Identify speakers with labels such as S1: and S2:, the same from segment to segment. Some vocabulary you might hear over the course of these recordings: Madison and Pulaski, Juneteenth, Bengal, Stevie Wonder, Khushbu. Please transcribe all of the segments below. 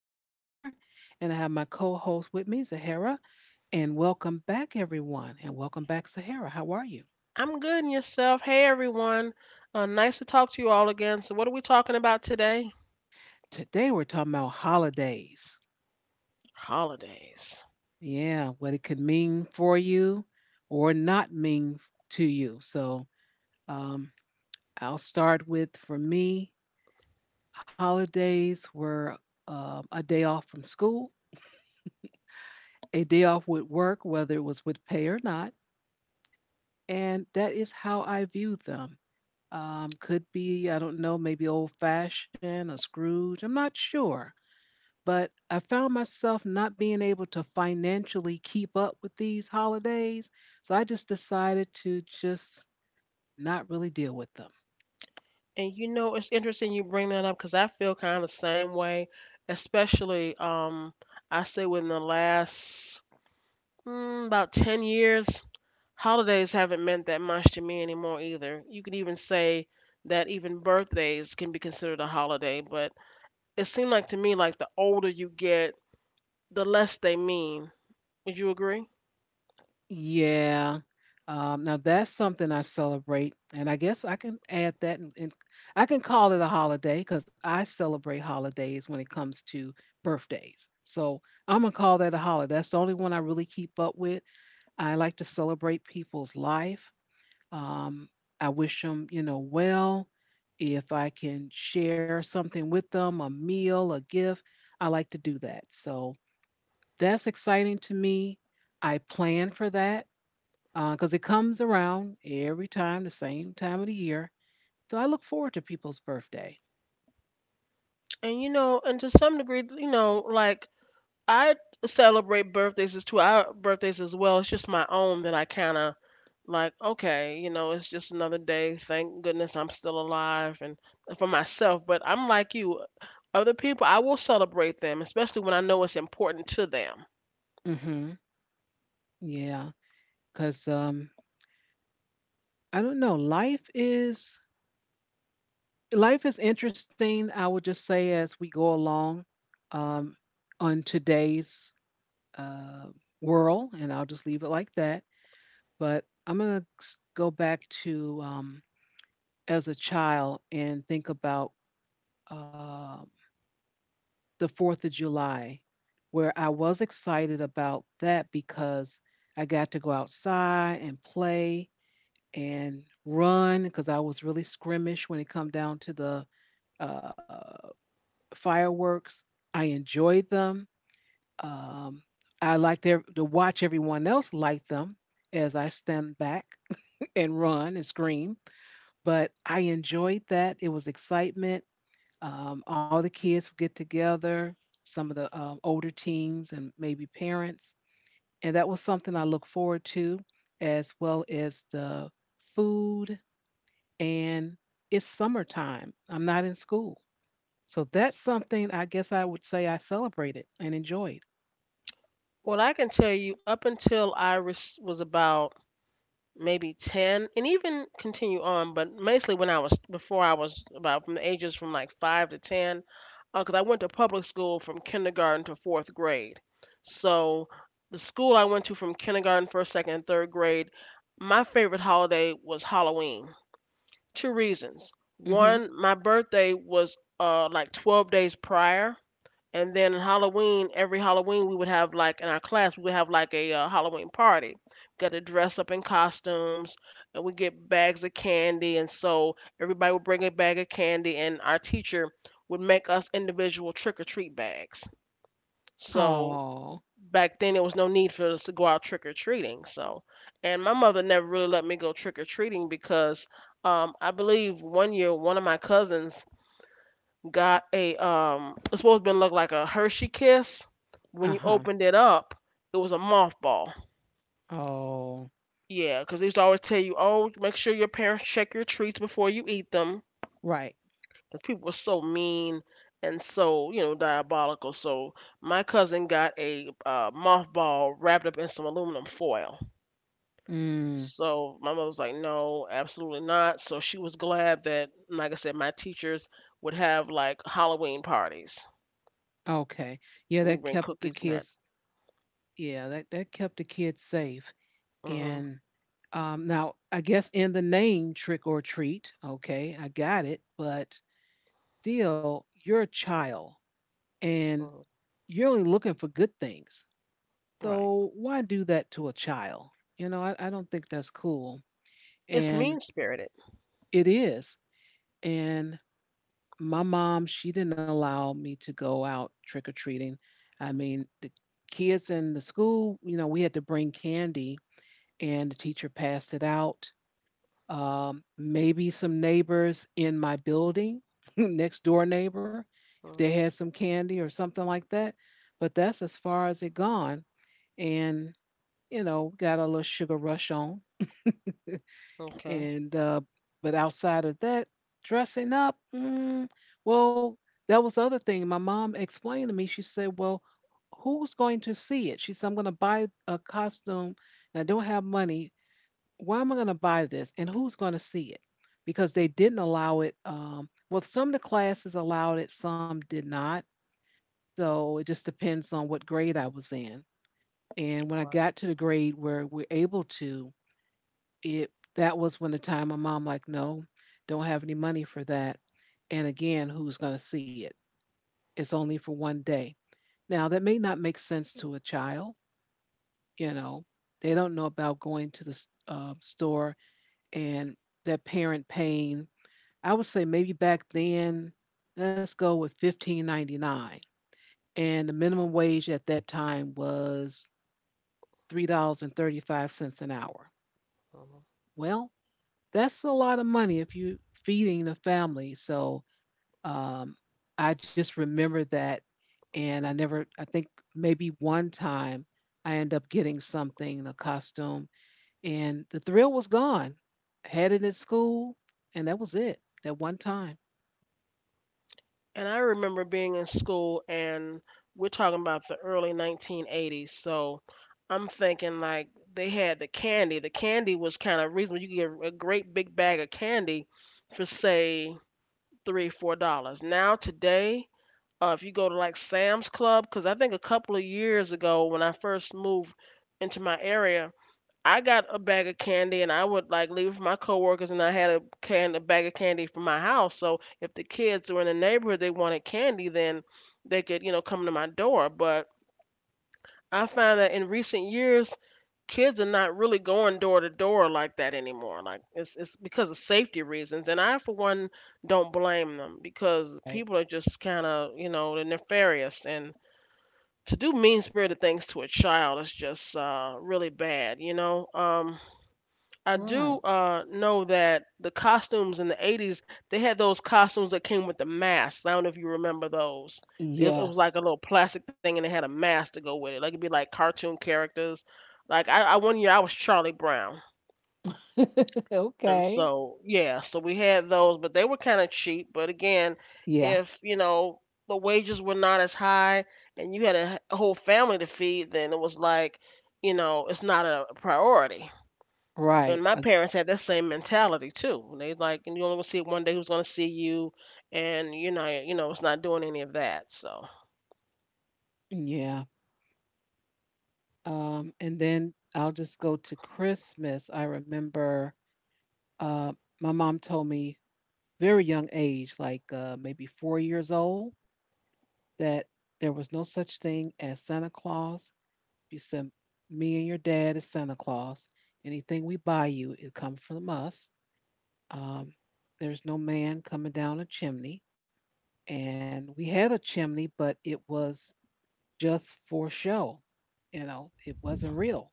S1: host, Shar, and I have my co host with me, Zahara. And welcome back, everyone. And welcome back, Sahara. How are you?
S2: I'm good and yourself. Hey everyone. Nice to talk to you all again. So what are we talking about today?
S1: Today, we're talking about holidays.
S2: Holidays.
S1: Yeah, what it could mean for you or not mean to you. So, um, I'll start with for me, holidays were a day off from school, a day off with work, whether it was with pay or not. And that is how I viewed them. Could be, I don't know, maybe old fashioned or Scrooge. I'm not sure. But I found myself not being able to financially keep up with these holidays. So I just decided to just not really deal with them.
S2: And you know, it's interesting you bring that up because I feel kind of the same way, especially I say within the last about 10 years, holidays haven't meant that much to me anymore either. You could even say that even birthdays can be considered a holiday, but it seemed like to me, like the older you get, the less they mean. Would you agree?
S1: Yeah. Now that's something I celebrate, and I guess I can add that, and I can call it a holiday because I celebrate holidays when it comes to birthdays. So I'm gonna call that a holiday. That's the only one I really keep up with. I like to celebrate people's life. Um, I wish them, well. If I can share something with them, a meal, a gift, I like to do that. So that's exciting to me. I plan for that because it comes around every time, the same time of the year. So I look forward to people's birthday.
S2: And you know, and to some degree, you know, like I celebrate birthdays as two our birthdays as well. It's just my own that I kind of like. Okay, you know, it's just another day. Thank goodness I'm still alive, and for myself. But I'm like you, other people. I will celebrate them, especially when I know it's important to them.
S1: Mm-hmm. Yeah, because I don't know. Life is interesting. I would just say as we go along, um, on today's uh, whirl, and I'll just leave it like that. But I'm going to go back to, as a child, and think about, uh, the 4th of July, where I was excited about that because I got to go outside and play and run because I was really scrimmage when it come down to the, uh, fireworks. I enjoyed them. Um, I liked to watch everyone else light them as I stand back and run and scream. But I enjoyed that. It was excitement. All the kids would get together, some of the older teens and maybe parents. And that was something I look forward to, as well as the food. And it's summertime. I'm not in school. So that's something I guess I would say I celebrated and enjoyed.
S2: Well, I can tell you, up until I was about maybe 10 and even continue on, but mostly when i was about from the ages from like 5 to 10, because I went to public school from kindergarten to fourth grade. So the school I went to from kindergarten, first, second, and third grade, my favorite holiday was Halloween. Two reasons.
S1: Hmm.
S2: One, my birthday was like 12 days prior. And then on Halloween, every Halloween, we would have like in our class we would have like a Halloween party. Got to dress up in costumes, and we get bags of candy, and so everybody would bring a bag of candy, and our teacher would make us individual trick or treat bags. So
S1: Oh,
S2: back then there was no need for us to go out trick or treating. So, and my mother never really let me go trick or treating because I believe one year one of my cousins got a it's supposed to look like a Hershey kiss.
S1: uh
S2: When you
S1: huh.
S2: opened it up, it was a mothball.
S1: Oh,
S2: Yeah, because they used to always tell you, oh, make sure your parents check your treats before you eat them.
S1: right.
S2: Because people were so mean and so, you know, diabolical. So my cousin got a mothball wrapped up in some aluminum foil.
S1: Mm,
S2: So my mother was like, no, absolutely not. So she was glad that, like I said, my teachers would have like Halloween parties.
S1: okay. Yeah,
S2: We
S1: that
S2: bring
S1: kept the
S2: cookies and that.
S1: kids Yeah, that kept the kids safe.
S2: Hmm.
S1: And now, I guess in the name trick or treat, okay, I got it, but still, you're a child and you're only looking for good things.
S2: Right.
S1: So why do that to a child? You know, I don't think that's cool.
S2: It's
S1: And
S2: mean spirited.
S1: it is. And my mom, she didn't allow me to go out trick or treating. I mean, the kids in the school, you know, we had to bring candy and the teacher passed it out. Maybe some neighbors in my building, next door neighbor, if they
S2: Mm,
S1: had some candy or something like that. But that's as far as it gone. And, got a little sugar rush on.
S2: okay.
S1: And, but outside of that, dressing up, well, that was the other thing. My mom explained to me, she said, well, who's going to see it? She said, I'm going to buy a costume and I don't have money, why am I going to buy this, and who's going to see it? Because they didn't allow it. Well, some of the classes allowed it, some did not. So it just depends on what grade I was in. And when I got
S2: Right.
S1: to the grade where we're able to, it that was when the time my mom like, no, don't have any money for that. And again, who's going to see it? It's only for one day. Now that may not make sense to a child. You know, they don't know about going to the store and their parent paying. I would say maybe back then, let's go with 15.99, and the minimum wage at that time was $3.35 an hour.
S2: Mhm.
S1: Well, that's a lot of money if you're feeding a family. So um, I just remember that. And I never, I think maybe one time I ended up getting something, a costume, and the thrill was gone. I had it at school, and that was it, that one time.
S2: And I remember being in school, and we're talking about the early 1980s. So I'm thinking like they had the candy. The candy was kind of reasonable. You could get a great big bag of candy for say three, $4. Now today, if you go to like Sam's Club, because I think a couple of years ago when I first moved into my area, I got a bag of candy and I would like leave for my coworkers, and I had a can a bag of candy from my house. So if the kids were in the neighborhood they wanted candy, then they could, you know, come to my door. But I find that in recent years kids are not really going door to door like that anymore. Like it's because of safety reasons, and I for one don't blame them because
S1: Right.
S2: people are just kind of, you know, they're nefarious, and to do mean spirited things to a child is just really bad. You know, I do
S1: Right.
S2: know that the costumes in the 80s, they had those costumes that came with the masks. I don't know if you remember those. It was
S1: Yes.
S2: like a little plastic thing and they had a mask to go with it. Like it'd be like cartoon characters. Like I one year I was Charlie Brown. And
S1: Okay.
S2: so, yeah, so we had those, but they were kind of cheap. But again,
S1: Yeah.
S2: if, you know, the wages were not as high and you had a whole family to feed, then it was like, you know, it's not a priority, and
S1: Right.
S2: my parents had that same mentality too. They like, and you only gonna see it one day. Who's gonna see you? And you know, it's not doing any of that. So,
S1: Yeah. And then I'll just go to Christmas. I remember, uh, my mom told me very young age, like, maybe 4 years old, that there was no such thing as Santa Claus. She said, "Me and your dad is Santa Claus. Anything we buy you, it comes from us. Um, there's no man coming down a chimney." And we had a chimney, but it was just for show. You know, it wasn't real.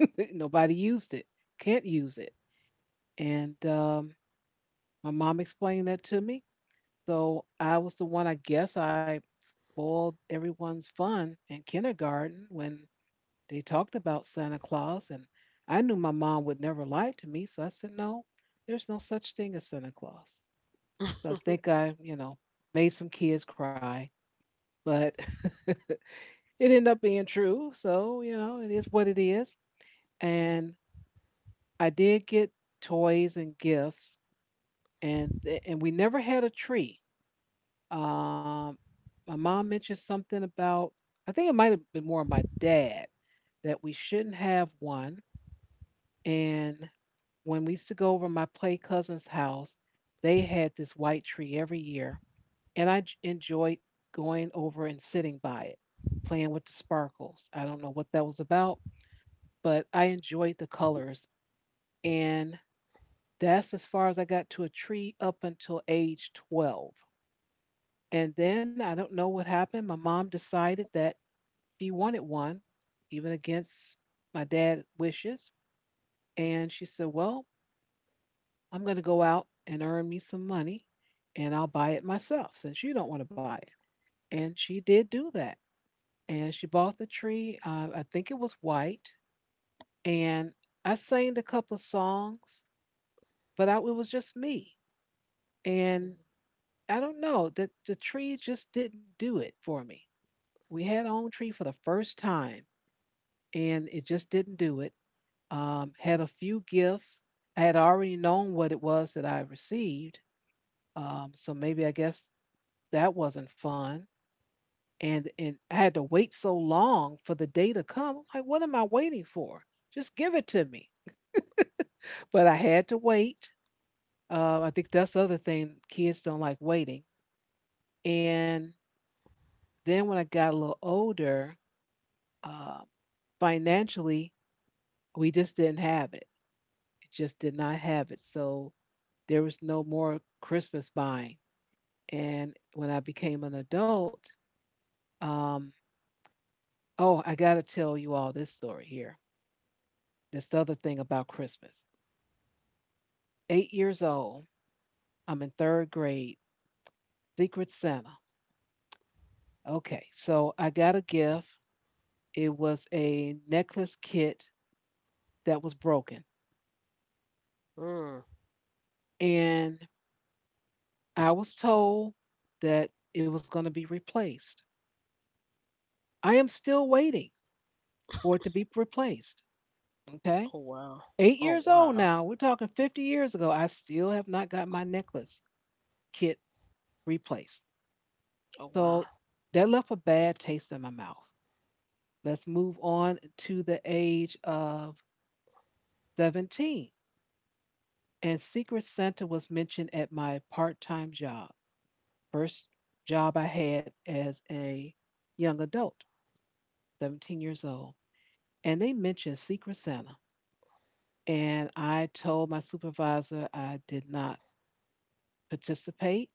S1: Nobody used it. Can't use it. And my mom explained that to me. So I was the one. I guess I spoiled everyone's fun in kindergarten when they talked about Santa Claus, and I knew my mom would never lie to me. So I said, no, there's no such thing as Santa Claus. So I think I, you know, made some kids cry, but it ended up being true. So, you know, it is what it is. And I did get toys and gifts, and and we never had a tree. Um, my mom mentioned something about I think it might have been more my dad that we shouldn't have one. And when we used to go over my play cousin's house, they had this white tree every year, and I enjoyed going over and sitting by it, playing with the sparkles. I don't know what that was about, but I enjoyed the colors, and that's as far as I got to a tree up until age 12. And then I don't know what happened. My mom decided that she wanted one, even against my dad's wishes. And she said, well, I'm going to go out and earn me some money, and I'll buy it myself since you don't want to buy it. And she did do that. And she bought the tree. I think it was white. And I sang a couple of songs, but it was just me. And I don't know. The tree just didn't do it for me. We had our own tree for the first time, and it just didn't do it. Had a few gifts. I had already known what it was that I received, so maybe I guess that wasn't fun. And I had to wait so long for the day to come. I'm like, what am I waiting for? Just give it to me. But I had to wait. I think that's the other thing. Kids don't like waiting. And then when I got a little older, um, financially, we just didn't have it. It just did not have it. So there was no more Christmas buying. And when I became an adult, um, oh, I got to tell you all this story here. This other thing about Christmas. 8 years old, I'm in third grade, Secret Santa. Okay, so I got a gift. It was a necklace kit that was broken.
S2: mm.
S1: And I was told that it was going to be replaced. I am still waiting for it to be replaced. Okay.
S2: Oh wow.
S1: Eight
S2: Oh
S1: years old
S2: wow.
S1: now. We're talking 50 years ago. I still have not got my necklace kit replaced.
S2: Oh wow.
S1: So that left a bad taste in my mouth. Let's move on to the age of 17. And Secret Santa was mentioned at my part time job, first job I had as a young adult, 17 years old. And they mentioned Secret Santa. And I told my supervisor I did not participate,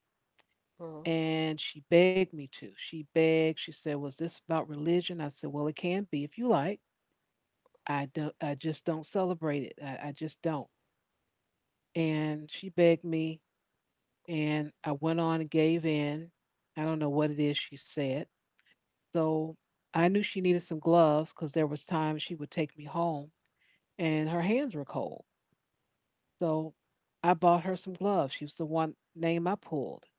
S2: Mm.
S1: and she begged me to. She begged, she said, was this about religion? I said, well, it can be if you like. I just don't celebrate it. I just don't. And she begged me and I went on and gave in. I don't know what it is she said. So I knew she needed some gloves because there was times she would take me home and her hands were cold. So I bought her some gloves. She was the one name I pulled.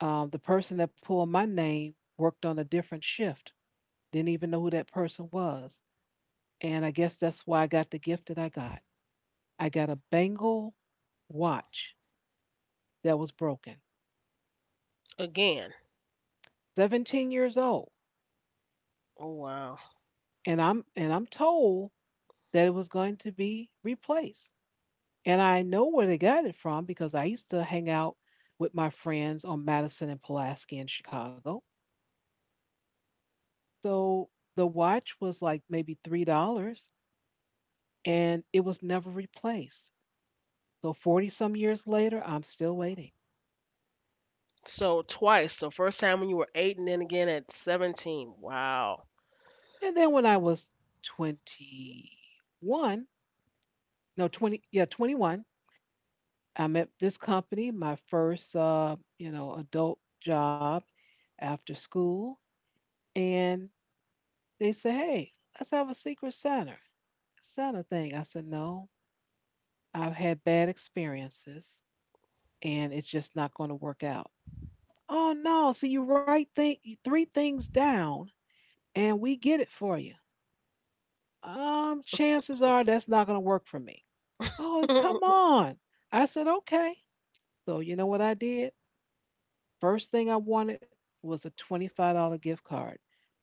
S1: The person that pulled my name worked on a different shift. Didn't even know who that person was. And I guess that's why I got the gift that I got. I got a Bengal watch that was broken.
S2: Again,
S1: 17 years old.
S2: oh wow.
S1: And I'm told that it was going to be replaced. And I know where they got it from because I used to hang out with my friends on Madison and Pulaski in Chicago. So the watch was like maybe $3 and it was never replaced. So 40 some years later, I'm still waiting.
S2: So twice. So first time when you were eight, and then again at 17. Wow.
S1: And then when I was 21, no, 20, yeah, 21, I met this company, my first, adult job after school. And they said, hey, let's have a secret Santa thing. I said, no, I've had bad experiences and it's just not going to work out. Oh, no. So you three things down and we get it for you. Chances are that's not going to work for me. Oh, come
S2: A
S1: on. I said, okay. So, you know what I did? First thing I wanted was a $25 gift card.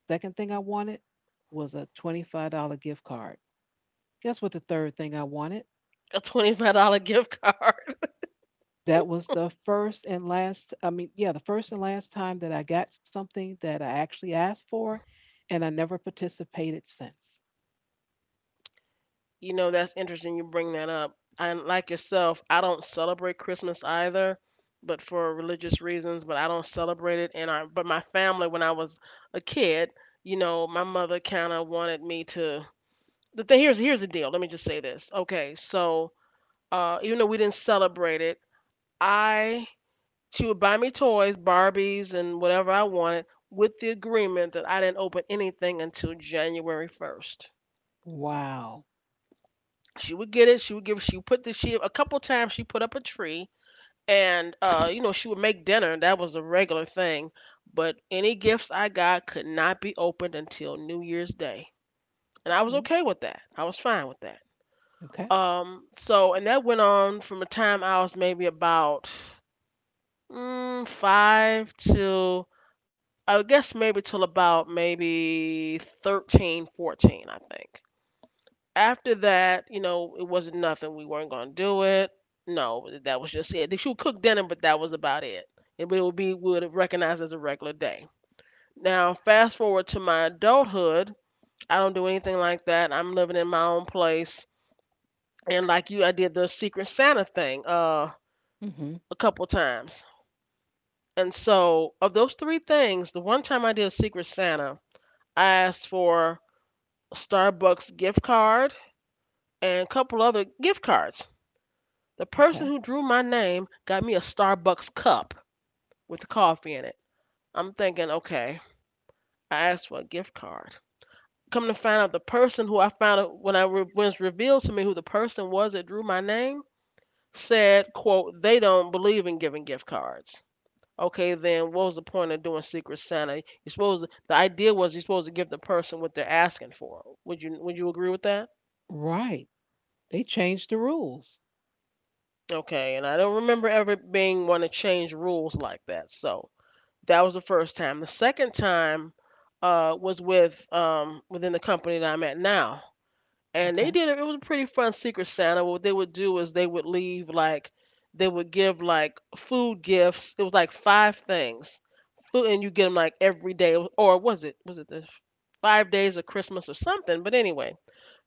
S1: Second thing I wanted was a $25 gift card. Guess what the third thing I wanted?
S2: $25 gift card.
S1: That was the first and last, the first and last time that I got something that I actually asked for, and I never participated since.
S2: You know, that's interesting you bring that up. And like yourself, I don't celebrate Christmas either, but for religious reasons, but I don't celebrate it. And I, but my family, when I was a kid, you know, my mother kind of wanted me to, the thing here's the deal. Let me just say this. Okay, so uh, even though we didn't celebrate it, I, she would buy me toys, Barbies, and whatever I wanted with the agreement that I didn't open anything until January 1st.
S1: Wow.
S2: She would get it. She would give. She would put the. She, a couple times she put up a tree, and you know, she would make dinner. That was a regular thing. But any gifts I got could not be opened until New Year's Day, and I was
S1: Oh.
S2: okay with that. I was fine with that.
S1: Okay.
S2: So and that went on from the time I was maybe about five to, I guess maybe till about maybe 13, 14, I think. After that, you know, it wasn't nothing. We weren't gonna do it. No, that was just it. She would cook dinner, but that was about it. And it would be would recognized as a regular day. Now, fast forward to my adulthood, I don't do anything like that. I'm living in my own place, and like you, I did the Secret Santa thing
S1: Mm-hmm.
S2: a couple times. And so, of those three things, the one time I did Secret Santa, I asked for a Starbucks gift card and a couple other gift cards. The person
S1: Okay.
S2: who drew my name got me a Starbucks cup with the coffee in it. I'm thinking, okay, I asked for a gift card. Come to find out, the person who I found out when I re- when revealed to me who the person was that drew my name said, "quote they don't believe in giving gift cards." Okay, then what was the point of doing Secret Santa? You supposed the idea was you're supposed to give the person what they're asking for. Would you agree with that?
S1: Right. They changed the rules.
S2: Okay, and I don't remember ever being one to change rules like that. So that was the first time. The second time was with within the company that I'm at now, and
S1: Okay.
S2: they did it. It was a pretty fun Secret Santa. What they would do is they would leave like they would give like food gifts. It was like five things, food, and you get them like every day, or was it the five days of Christmas or something? But anyway,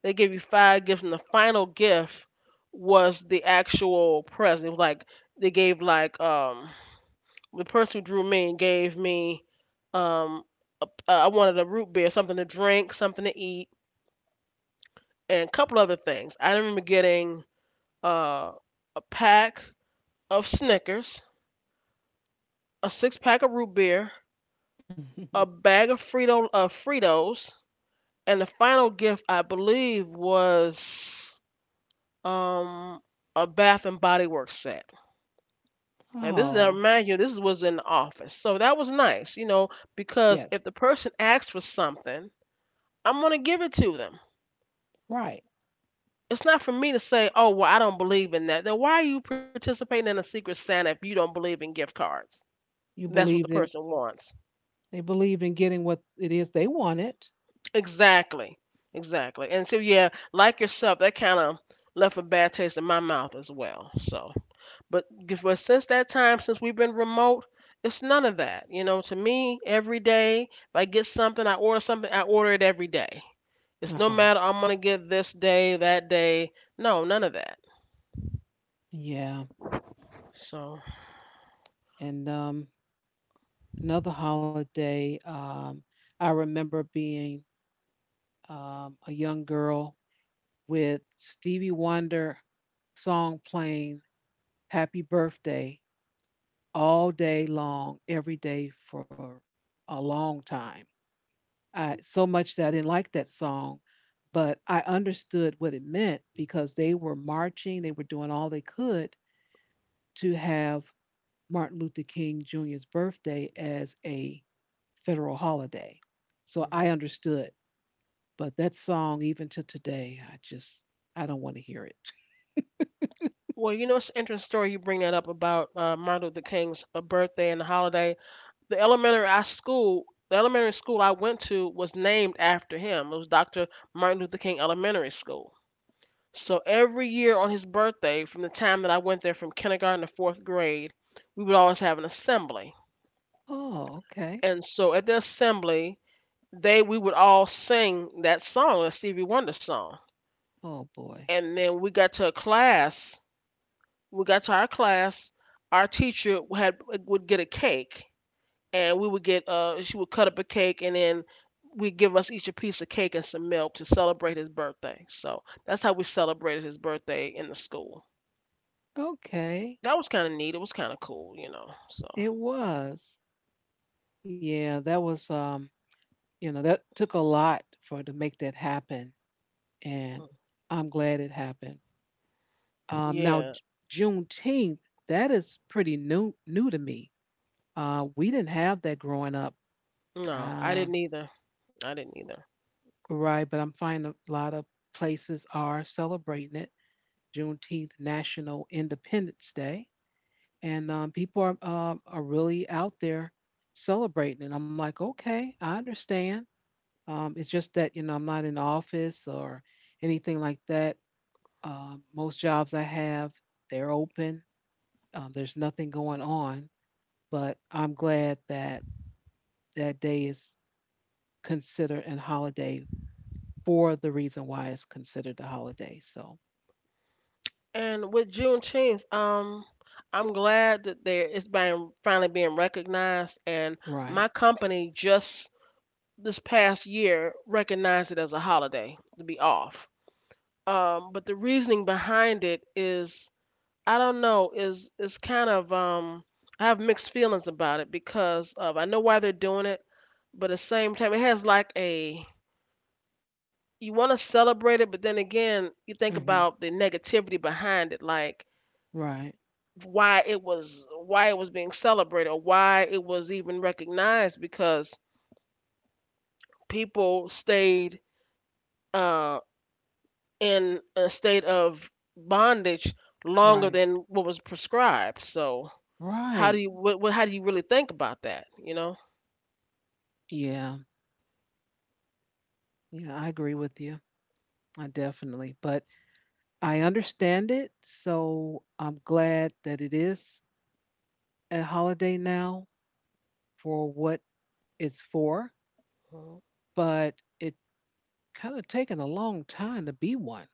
S2: they give you five gifts, and the final gift was the actual present. It was like they gave like the person who drew me and gave me um a, I wanted a root beer, something to drink, something to eat, and a couple other things. I remember getting uh, a pack of Snickers, a six pack of root beer, a bag of Fritos, and the final gift I believe was um a Bath and Body Works set. Now this is, now
S1: Oh,
S2: remind you, this was in the office, so that was nice, you know, because
S1: yes,
S2: if the person asks for something, I'm gonna give it to them.
S1: right.
S2: It's not for me to say, oh, well, I don't believe in that. Then why are you participating in a Secret Santa if you don't believe in gift cards?
S1: You
S2: And that's what the
S1: believed in
S2: person wants.
S1: They believed in getting what it is they wanted.
S2: Exactly. Exactly. And so, yeah, like yourself, that kind of left a bad taste in my mouth as well. So, but, but since that time, since we've been remote, it's none of that. You know, to me, every day, if I get something, I order it every day. It's no
S1: Uh-huh.
S2: matter I'm going to get this day, that day. No, none of that.
S1: Yeah.
S2: So,
S1: And another holiday, I remember being a young girl with Stevie Wonder song playing Happy Birthday all day long, every day for a long time. I so much that I didn't like that song, but I understood what it meant because they were marching, they were doing all they could to have Martin Luther King Jr.'s birthday as a federal holiday. So I
S2: mhm.
S1: understood, but that song even to today, I don't want to hear it.
S2: Well, you know, it's an interesting story you bring that up about Martin Luther King's birthday and the holiday. The elementary school I went to was named after him. It was Dr. Martin Luther King Elementary School. So every year on his birthday, from the time that I went there from kindergarten to fourth grade, we would always have an assembly.
S1: Oh, okay.
S2: And so at the assembly, they we would all sing that song, that Stevie Wonder song.
S1: Oh boy.
S2: And then we got to our class, our teacher had would get a cake, and we would get she would cut up a cake, and then we give us each a piece of cake and some milk to celebrate his birthday. So that's how we celebrated his birthday in the school.
S1: Okay.
S2: That was kind of neat. It was kind of cool. So
S1: It was. Yeah, that was you know, that took a lot for to make that happen. And I'm glad it happened. Um now
S2: yeah,
S1: J- Juneteenth, that is pretty new to me. We didn't have that growing up.
S2: no, I
S1: Uh,
S2: didn't either. I didn't either.
S1: right, but I'm finding a lot of places are celebrating it. Juneteenth, National Independence Day, and people are really out there celebrating it. I'm like, okay, I understand. It's just that you know I'm not in the office or anything like that. Most jobs I have, they're open. There's nothing going on, but I'm glad that that day is considered a holiday for the reason why it's considered a holiday. So,
S2: And with Juneteenth, I'm glad that there it's being finally being recognized. And
S1: right.
S2: my company just this past year recognized it as a holiday to be off. But the reasoning behind it is I don't know is kind of I have mixed feelings about it because of I know why they're doing it, but at the same time it has like a you want to celebrate it, but then again you think
S1: Hmm.
S2: about the negativity behind it, like
S1: Right.
S2: why it was being celebrated or why it was even recognized because people stayed um in a state of bondage longer
S1: Right.
S2: than what was prescribed. So
S1: Right.
S2: how do you really think about that? You know?
S1: Yeah. Yeah, I agree with you. I definitely. But I understand it. So I'm glad that it is a holiday now for what it's for.
S2: Mhm.
S1: But it kind of taken a long time to be one.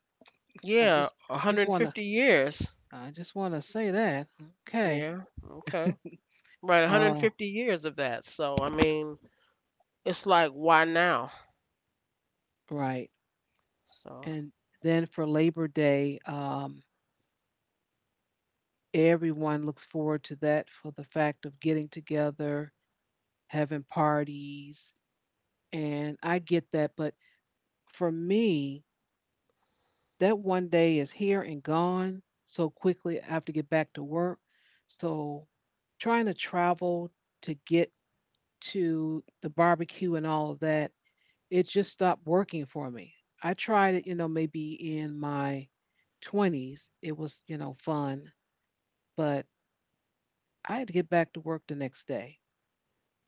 S1: I'm
S2: Yeah,
S1: just, just want to,
S2: 150 years.
S1: I just want to say that. Okay.
S2: Yeah. Okay. Right,
S1: Uh,
S2: 150 years of that. So I mean, it's like why now?
S1: right.
S2: So
S1: And then for Labor Day, everyone looks forward to that for the fact of getting together, having parties, and I get that. But for me, that one day is here and gone so quickly. I have to get back to work. So trying to travel to get to the barbecue and all of that, it just stopped working for me. I tried it, you know, maybe in my 20s. It was, you know, fun, but I had to get back to work the next day.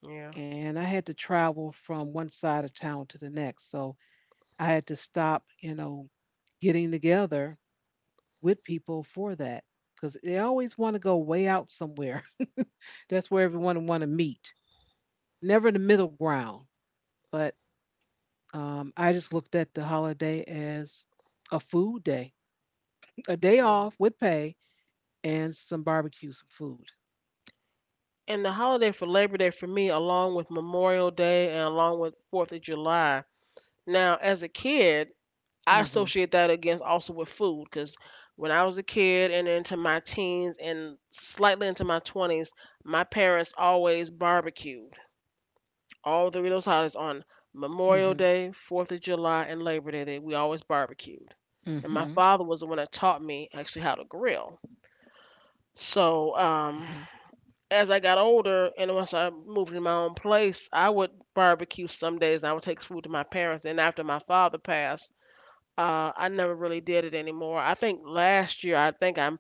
S2: yeah.
S1: And I had to travel from one side of town to the next. So I had to stop, you know, getting together with people for that because they always want to go way out somewhere. That's where everyone want to meet. Never the middle ground. But I just looked at the holiday as a food day, a day
S2: Mhm.
S1: off with pay and some barbecue, some food.
S2: And the holiday for Labor Day for me, along with Memorial Day and along with 4th of July. Now, as a kid, I
S1: Mhm.
S2: associate that against also with food because when I was a kid and into my teens and slightly into my 20s, my parents always barbecued all three of those holidays on Memorial
S1: Mhm.
S2: Day, 4th of July, and Labor Day. We always barbecued. And my
S1: Mhm.
S2: father was the one that taught me actually how to grill. So
S1: Mhm.
S2: as I got older and once I moved into my own place, I would barbecue some days. And I would take food to my parents. And after my father passed, I never really did it anymore. I think last year, I think I'm,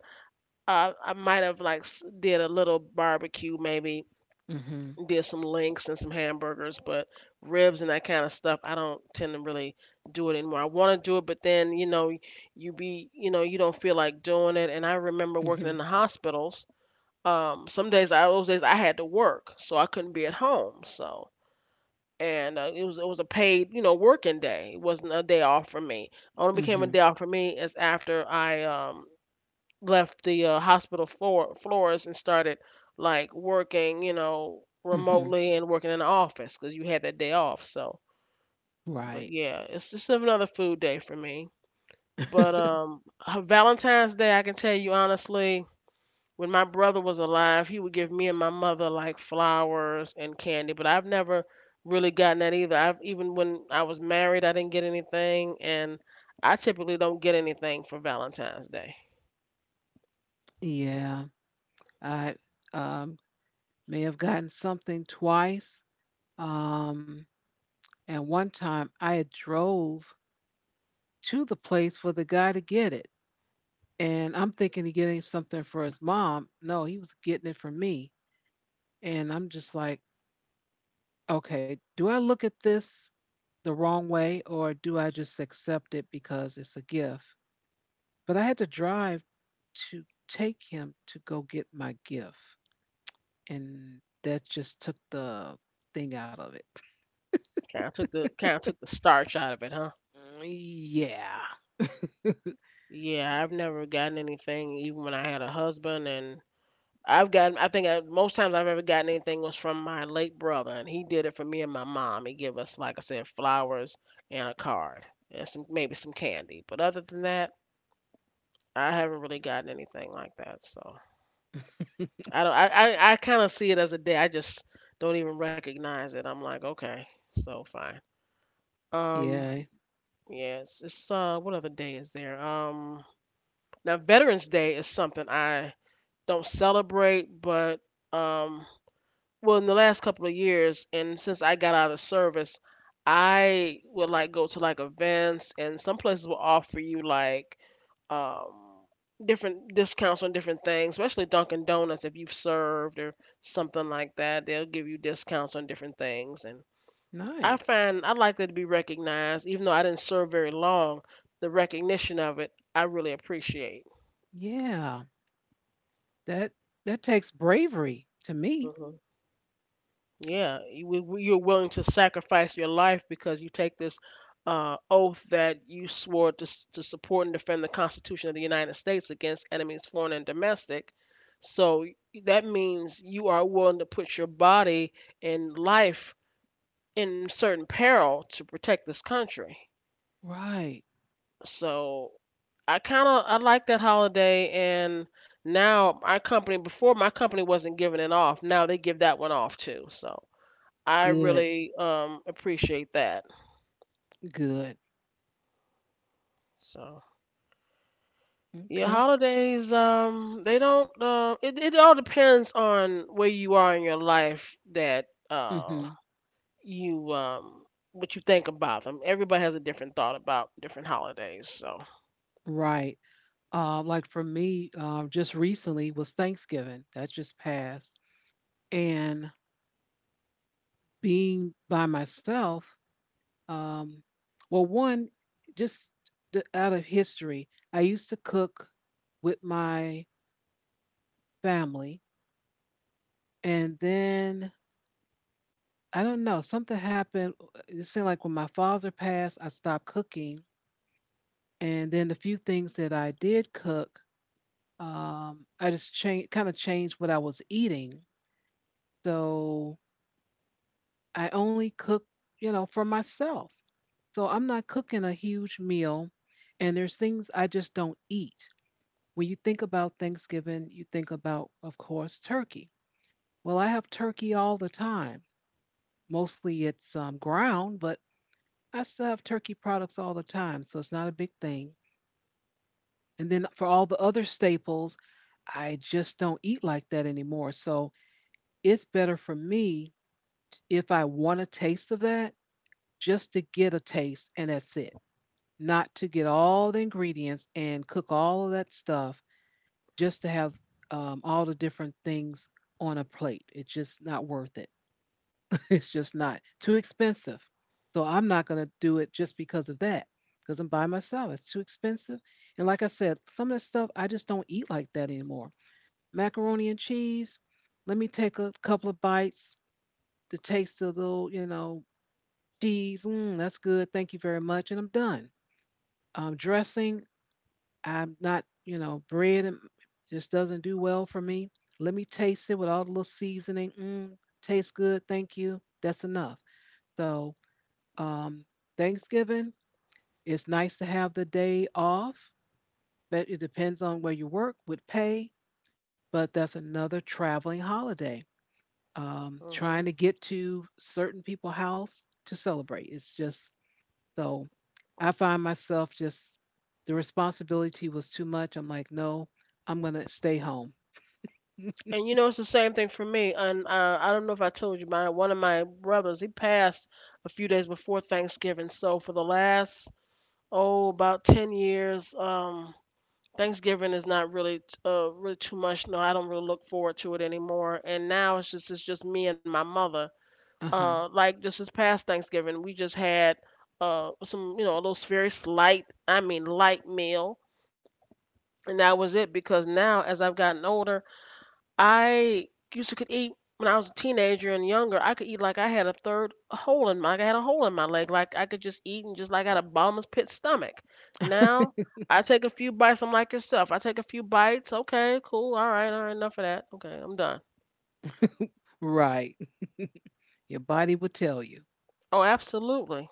S2: uh, I might have like did a little barbecue, maybe
S1: Mhm.
S2: did some links and some hamburgers, but ribs and that kind of stuff, I don't tend to really do it anymore. I want to do it, but then you know, you be, you know, you don't feel like doing it. And I remember working in
S1: Mhm.
S2: the hospitals. Some days, those days I had to work, so I couldn't be at home. So and it was a paid working day. It wasn't a day off for me. Only became a
S1: Mhm.
S2: day off for me is after I left the hospital floors and started like working
S1: Mhm.
S2: remotely and working in the office because you had that day off. So, but
S1: Right.
S2: yeah, it's just another food day for me. But Valentine's Day, I can tell you honestly, when my brother was alive, he would give me and my mother like flowers and candy, but I've never really gotten that either. I've even when I was married, I didn't get anything, and I typically don't get anything for Valentine's Day.
S1: Yeah. I um may have gotten something twice. Um and one time I had drove to the place for the guy to get it. And I'm thinking of getting something for his mom. No, he was getting it for me. And I'm just like, okay, do I look at this the wrong way or do I just accept it because it's a gift? But I had to drive to take him to go get my gift. And that just took the thing out of it.
S2: Kind of took the starch out of it, huh?
S1: Yeah.
S2: Yeah, I've never gotten anything even when I had a husband, and I've gotten I think I, most times I've ever gotten anything was from my late brother, and he did it for me and my mom. He gave us like I said flowers and a card and some maybe some candy, but other than that. I haven't really gotten anything like that, so I don't. I kind of see it as a day. I just don't even recognize it. I'm like, okay, so fine. Um,
S1: Yeah.
S2: yes, it's what other day is there? Now Veterans Day is something I don't celebrate, but um, well, in the last couple of years, and since I got out of service, I would like go to like events, and some places will offer you like um, different discounts on different things, especially Dunkin' Donuts if you've served or something like that. They'll give you discounts on different things, and I
S1: Nice.
S2: find I like that to be recognized, even though I didn't serve very long. The recognition of it, I really appreciate.
S1: Yeah. That that takes bravery to me.
S2: hmm Yeah, you're willing to sacrifice your life because you take this oath that you swore to, to support and defend the Constitution of the United States against enemies, foreign and domestic. So that means you are willing to put your body and life in certain peril to protect this country.
S1: Right.
S2: So I kind of I like that holiday, and now our company before my company wasn't giving it off. Now they give that one off too. So. I
S1: Good,
S2: really appreciate that.
S1: good.
S2: So yeah,
S1: Okay.
S2: holidays they don't it all depends on where you are in your life that
S1: Hmm.
S2: you what you think about them. Everybody has a different thought about different holidays. So
S1: Right. Like for me, just recently was Thanksgiving. That just passed. And being by myself, um, well, one, just the, out of history, I used to cook with my family. And then I don't know, something happened. It seemed like when my father passed, I stopped cooking. And then the few things that I did cook, I just kind of changed what I was eating. So I only cook, you know, for myself. So I'm not cooking a huge meal, and there's things I just don't eat. When you think about Thanksgiving, you think about, of course, turkey. Well, I have turkey all the time. Mostly it's ground, but I still have turkey products all the time, so it's not a big thing. And then for all the other staples, I just don't eat like that anymore. So it's better for me if I want a taste of that, just to get a taste and that's it. Not to get all the ingredients and cook all of that stuff just to have all the different things on a plate. It's just not worth it. It's just not too expensive. So I'm not going to do it just because of that because I'm by myself. It's too expensive. And like I said, some of that stuff I just don't eat like that anymore. Macaroni and cheese, let me take a couple of bites to taste a little, you know, cheese, mm, that's good. Thank you very much. And I'm done. Dressing, I'm not, you know, bread and just doesn't do well for me. Let me taste it with all the little seasoning. Mm, tastes good. Thank you. That's enough. So, um, Thanksgiving, it's nice to have the day off, but it depends on where you work with pay. But that's another traveling holiday. Um,
S2: hmm
S1: trying to get to certain people's house to celebrate. It's just so I find myself just the responsibility was too much. I'm like, no, I'm going to stay home.
S2: and you know it's the same thing for me. And I don't know if I told you, my one of my brothers he passed a few days before Thanksgiving. So for the last oh about 10 years Thanksgiving is not really really too much. No, I don't really look forward to it anymore. And now it's just me and my mother.
S1: Uh huh.
S2: Like just this past Thanksgiving, we just had some you know a little very slight, I mean light meal, and that was it. Because now as I've gotten older, I used to could eat when I was a teenager and younger. I could eat like I had a third hole in my, like I had a hole in my leg. Like I could just eat and just like I had a bottomless pit stomach. Now I take a few bites. I'm like yourself. I take a few bites. Okay, cool. All right, all right. Enough of that. Okay, I'm done.
S1: Right. Your body will tell you.
S2: Oh, absolutely,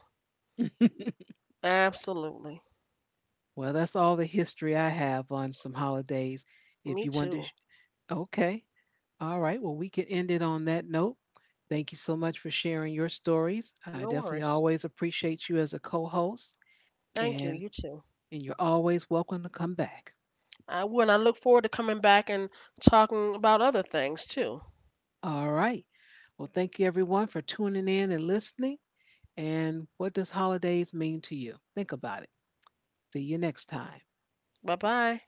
S2: absolutely.
S1: Well, that's all the history I have on some holidays. If
S2: Me
S1: you want to,
S2: too.
S1: sh- okay. All right. Well, we can end it on that note. Thank you so much for sharing your stories. I
S2: No
S1: definitely
S2: worries.
S1: always appreciate you as a co host,
S2: Thank you.
S1: and,
S2: You too.
S1: and you're always welcome to come back.
S2: I will. And I look forward to coming back and talking about other things too.
S1: All right. Well, thank you everyone for tuning in and listening. And what does holidays mean to you? Think about it. See you next time.
S2: Bye bye.